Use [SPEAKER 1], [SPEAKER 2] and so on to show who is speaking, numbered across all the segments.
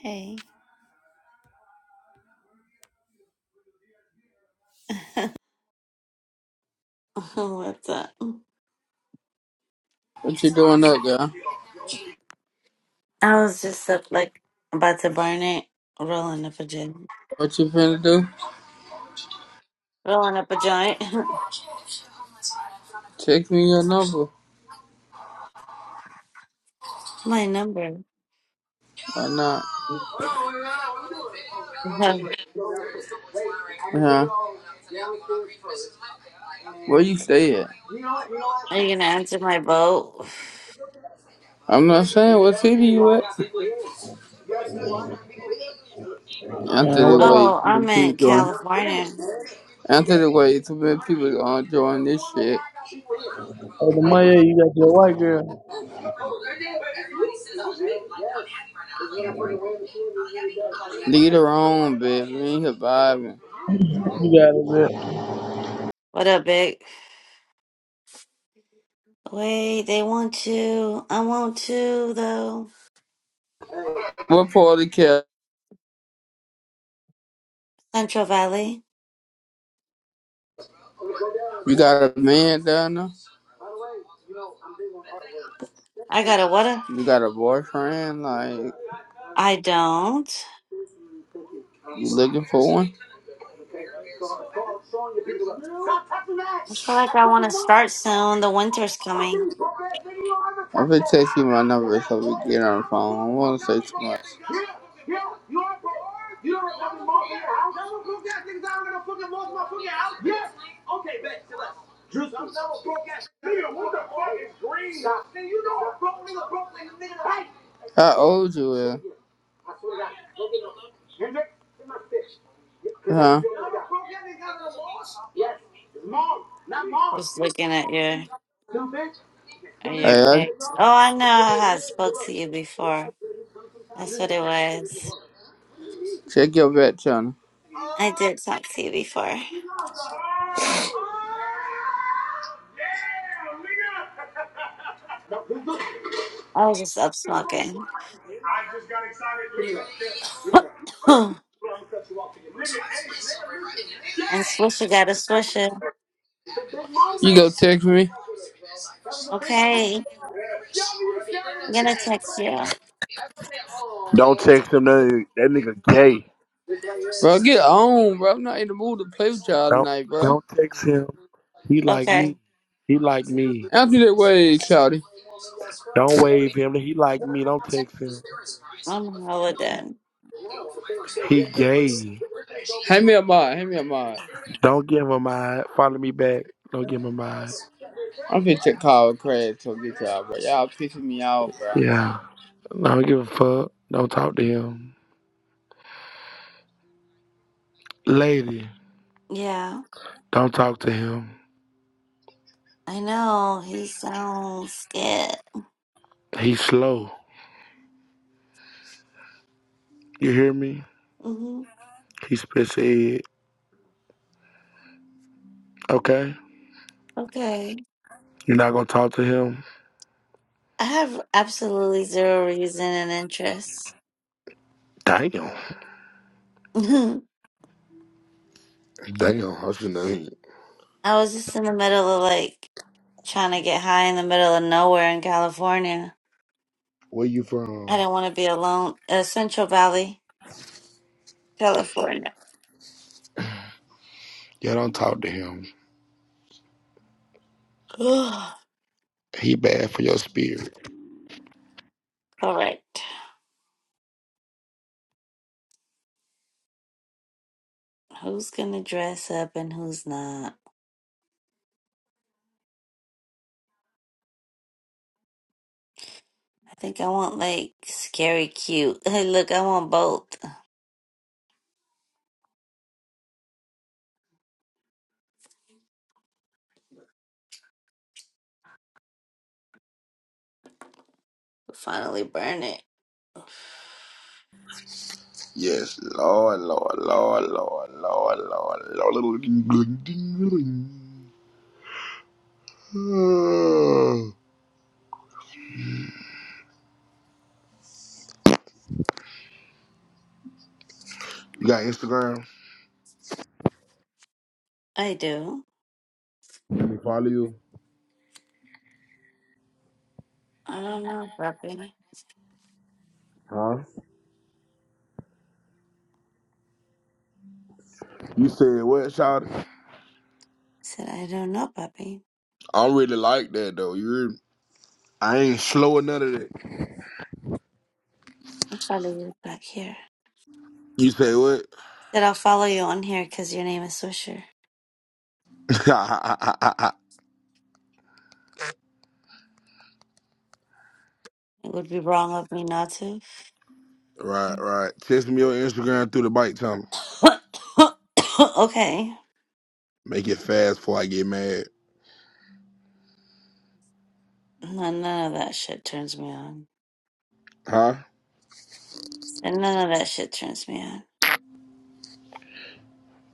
[SPEAKER 1] Hey, What's up?
[SPEAKER 2] What you doing up, girl?
[SPEAKER 1] I was just up like about to burn it, rolling the vagina.
[SPEAKER 2] What you finna do?
[SPEAKER 1] Rolling up a joint.
[SPEAKER 2] Text me your number.
[SPEAKER 1] my number.
[SPEAKER 2] Why not?
[SPEAKER 1] Are
[SPEAKER 2] Huh? Where you stay at?
[SPEAKER 1] you gonna answer my vote?
[SPEAKER 2] I'm not saying what city you at.
[SPEAKER 3] Man,
[SPEAKER 2] After the
[SPEAKER 3] what up?
[SPEAKER 2] way too
[SPEAKER 1] Oh,
[SPEAKER 2] many
[SPEAKER 1] I'm
[SPEAKER 2] people
[SPEAKER 1] in
[SPEAKER 2] join.
[SPEAKER 1] California.
[SPEAKER 2] After the way too many people gonna join this shit.
[SPEAKER 3] Hey, the money you got your white girl.
[SPEAKER 2] Lead her on, baby. We ain't here
[SPEAKER 3] You got it, man.
[SPEAKER 1] What up, big? Wait, they want you. I want to though.
[SPEAKER 2] What part of care?
[SPEAKER 1] Central Valley.
[SPEAKER 2] You got a man down there?
[SPEAKER 1] I got a what? A,
[SPEAKER 2] You got a boyfriend? Like
[SPEAKER 1] I don't.
[SPEAKER 2] you looking for one?
[SPEAKER 1] I feel like I want to start soon. The winter's coming.
[SPEAKER 2] I'm gonna text you my number so we get on the phone. I don't wanna say too much. How old you is? Huh?
[SPEAKER 1] Just looking at your at your
[SPEAKER 2] Hey, I,
[SPEAKER 1] pics. Oh, I know. I had spoke to you before. That's what it was.
[SPEAKER 2] check your back channel.
[SPEAKER 1] I did talk to you before. I was just up smoking. And Swisher got a Swisher.
[SPEAKER 2] You go text me.
[SPEAKER 1] Okay. I'm going to text you.
[SPEAKER 4] Don't text him. That, that nigga gay.
[SPEAKER 2] Bro, get on, bro. I'm not in the mood to play with y'all
[SPEAKER 4] Don't
[SPEAKER 2] tonight, bro.
[SPEAKER 4] don't text him. He like
[SPEAKER 1] Okay.
[SPEAKER 4] me. He like me.
[SPEAKER 2] After that way, Shouty.
[SPEAKER 4] Don't wave him. He like me. Don't text him.
[SPEAKER 1] I'm hella done.
[SPEAKER 4] He gay.
[SPEAKER 2] Hand me a mod. Hand me a mod.
[SPEAKER 4] Don't give him a mind. Follow me back. Don't give him a mind.
[SPEAKER 2] I'm finna check Kyle Craig to get y'all, bro. Y'all pissing me off, bro.
[SPEAKER 4] Yeah. Don't give a fuck. Don't talk to him. Lady,
[SPEAKER 1] Yeah.
[SPEAKER 4] don't talk to him.
[SPEAKER 1] I know. He sounds scared.
[SPEAKER 4] He's slow. You hear me?
[SPEAKER 1] hmm
[SPEAKER 4] He spits head. Okay?
[SPEAKER 1] Okay.
[SPEAKER 4] You're not gonna talk to him?
[SPEAKER 1] I have absolutely zero reason and interest.
[SPEAKER 4] Damn.
[SPEAKER 1] I
[SPEAKER 4] Damn. What's your name?
[SPEAKER 1] was just in the middle of like trying to get high in the middle of nowhere in California.
[SPEAKER 4] Where you
[SPEAKER 1] I
[SPEAKER 4] from?
[SPEAKER 1] didn't want to be alone. Uh, Central Valley, California.
[SPEAKER 4] Yeah, don't talk to him.
[SPEAKER 1] All
[SPEAKER 4] He bad for your spirit.
[SPEAKER 1] right. Who's going to dress up and who's not? I think I want like scary cute. Look, I want both. Finally burn it.
[SPEAKER 4] Yes, Lord, Lord, Lord, Lord, Lord, Lord, Lord. You got Instagram?
[SPEAKER 1] I do.
[SPEAKER 4] Let me follow you.
[SPEAKER 1] I don't know, puppy.
[SPEAKER 4] Huh? You said what, Shout?
[SPEAKER 1] Said I don't know, puppy.
[SPEAKER 4] I don't really like that though. You, hear me? I ain't slow or none of that.
[SPEAKER 1] I'll follow you back here.
[SPEAKER 4] You say what?
[SPEAKER 1] Said I'll follow you on here because your name is Swisher. It would be wrong of me not to.
[SPEAKER 4] right, right. Text me your Instagram through the bike, Tom.
[SPEAKER 1] okay.
[SPEAKER 4] Make it fast before I get mad.
[SPEAKER 1] None, none of that shit turns me on.
[SPEAKER 4] Huh?
[SPEAKER 1] Said none of that shit turns me on.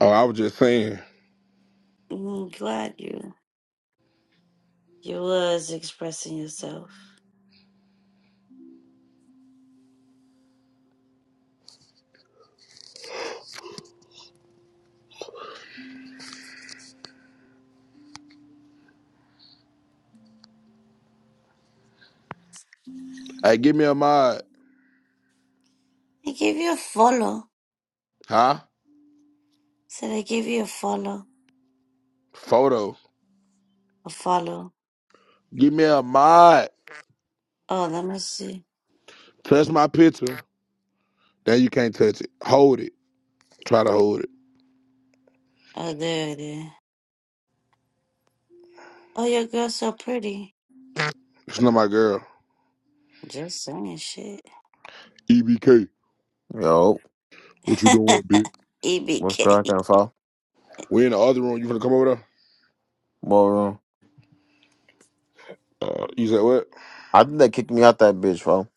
[SPEAKER 4] Oh, I was just saying.
[SPEAKER 1] Mm, glad you you was expressing yourself.
[SPEAKER 4] Hey, give me a mod.
[SPEAKER 1] I gave you a follow.
[SPEAKER 4] Huh?
[SPEAKER 1] Said I give you a follow.
[SPEAKER 4] Photo.
[SPEAKER 1] A follow.
[SPEAKER 4] Give me a mod.
[SPEAKER 1] Oh, let me see.
[SPEAKER 4] Touch my picture. Then you can't touch it. Hold it. Try to hold it.
[SPEAKER 1] Oh, there it is. Oh, your girl's so pretty.
[SPEAKER 4] It's not my girl.
[SPEAKER 1] Just saying shit.
[SPEAKER 4] EBK.
[SPEAKER 5] Yo,
[SPEAKER 4] What you doing, bitch?
[SPEAKER 5] what's
[SPEAKER 1] EBK.
[SPEAKER 5] cracking, fo?
[SPEAKER 4] We in the other room. You finna come over there?
[SPEAKER 5] More room.
[SPEAKER 4] Uh, you said what?
[SPEAKER 5] I think they kicked me out that bitch, fo.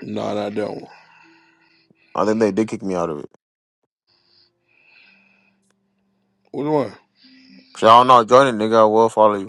[SPEAKER 4] No, not that one.
[SPEAKER 5] I think they did kick me out of it.
[SPEAKER 4] Which one?
[SPEAKER 5] So I don't know. Join it, nigga. I will follow you.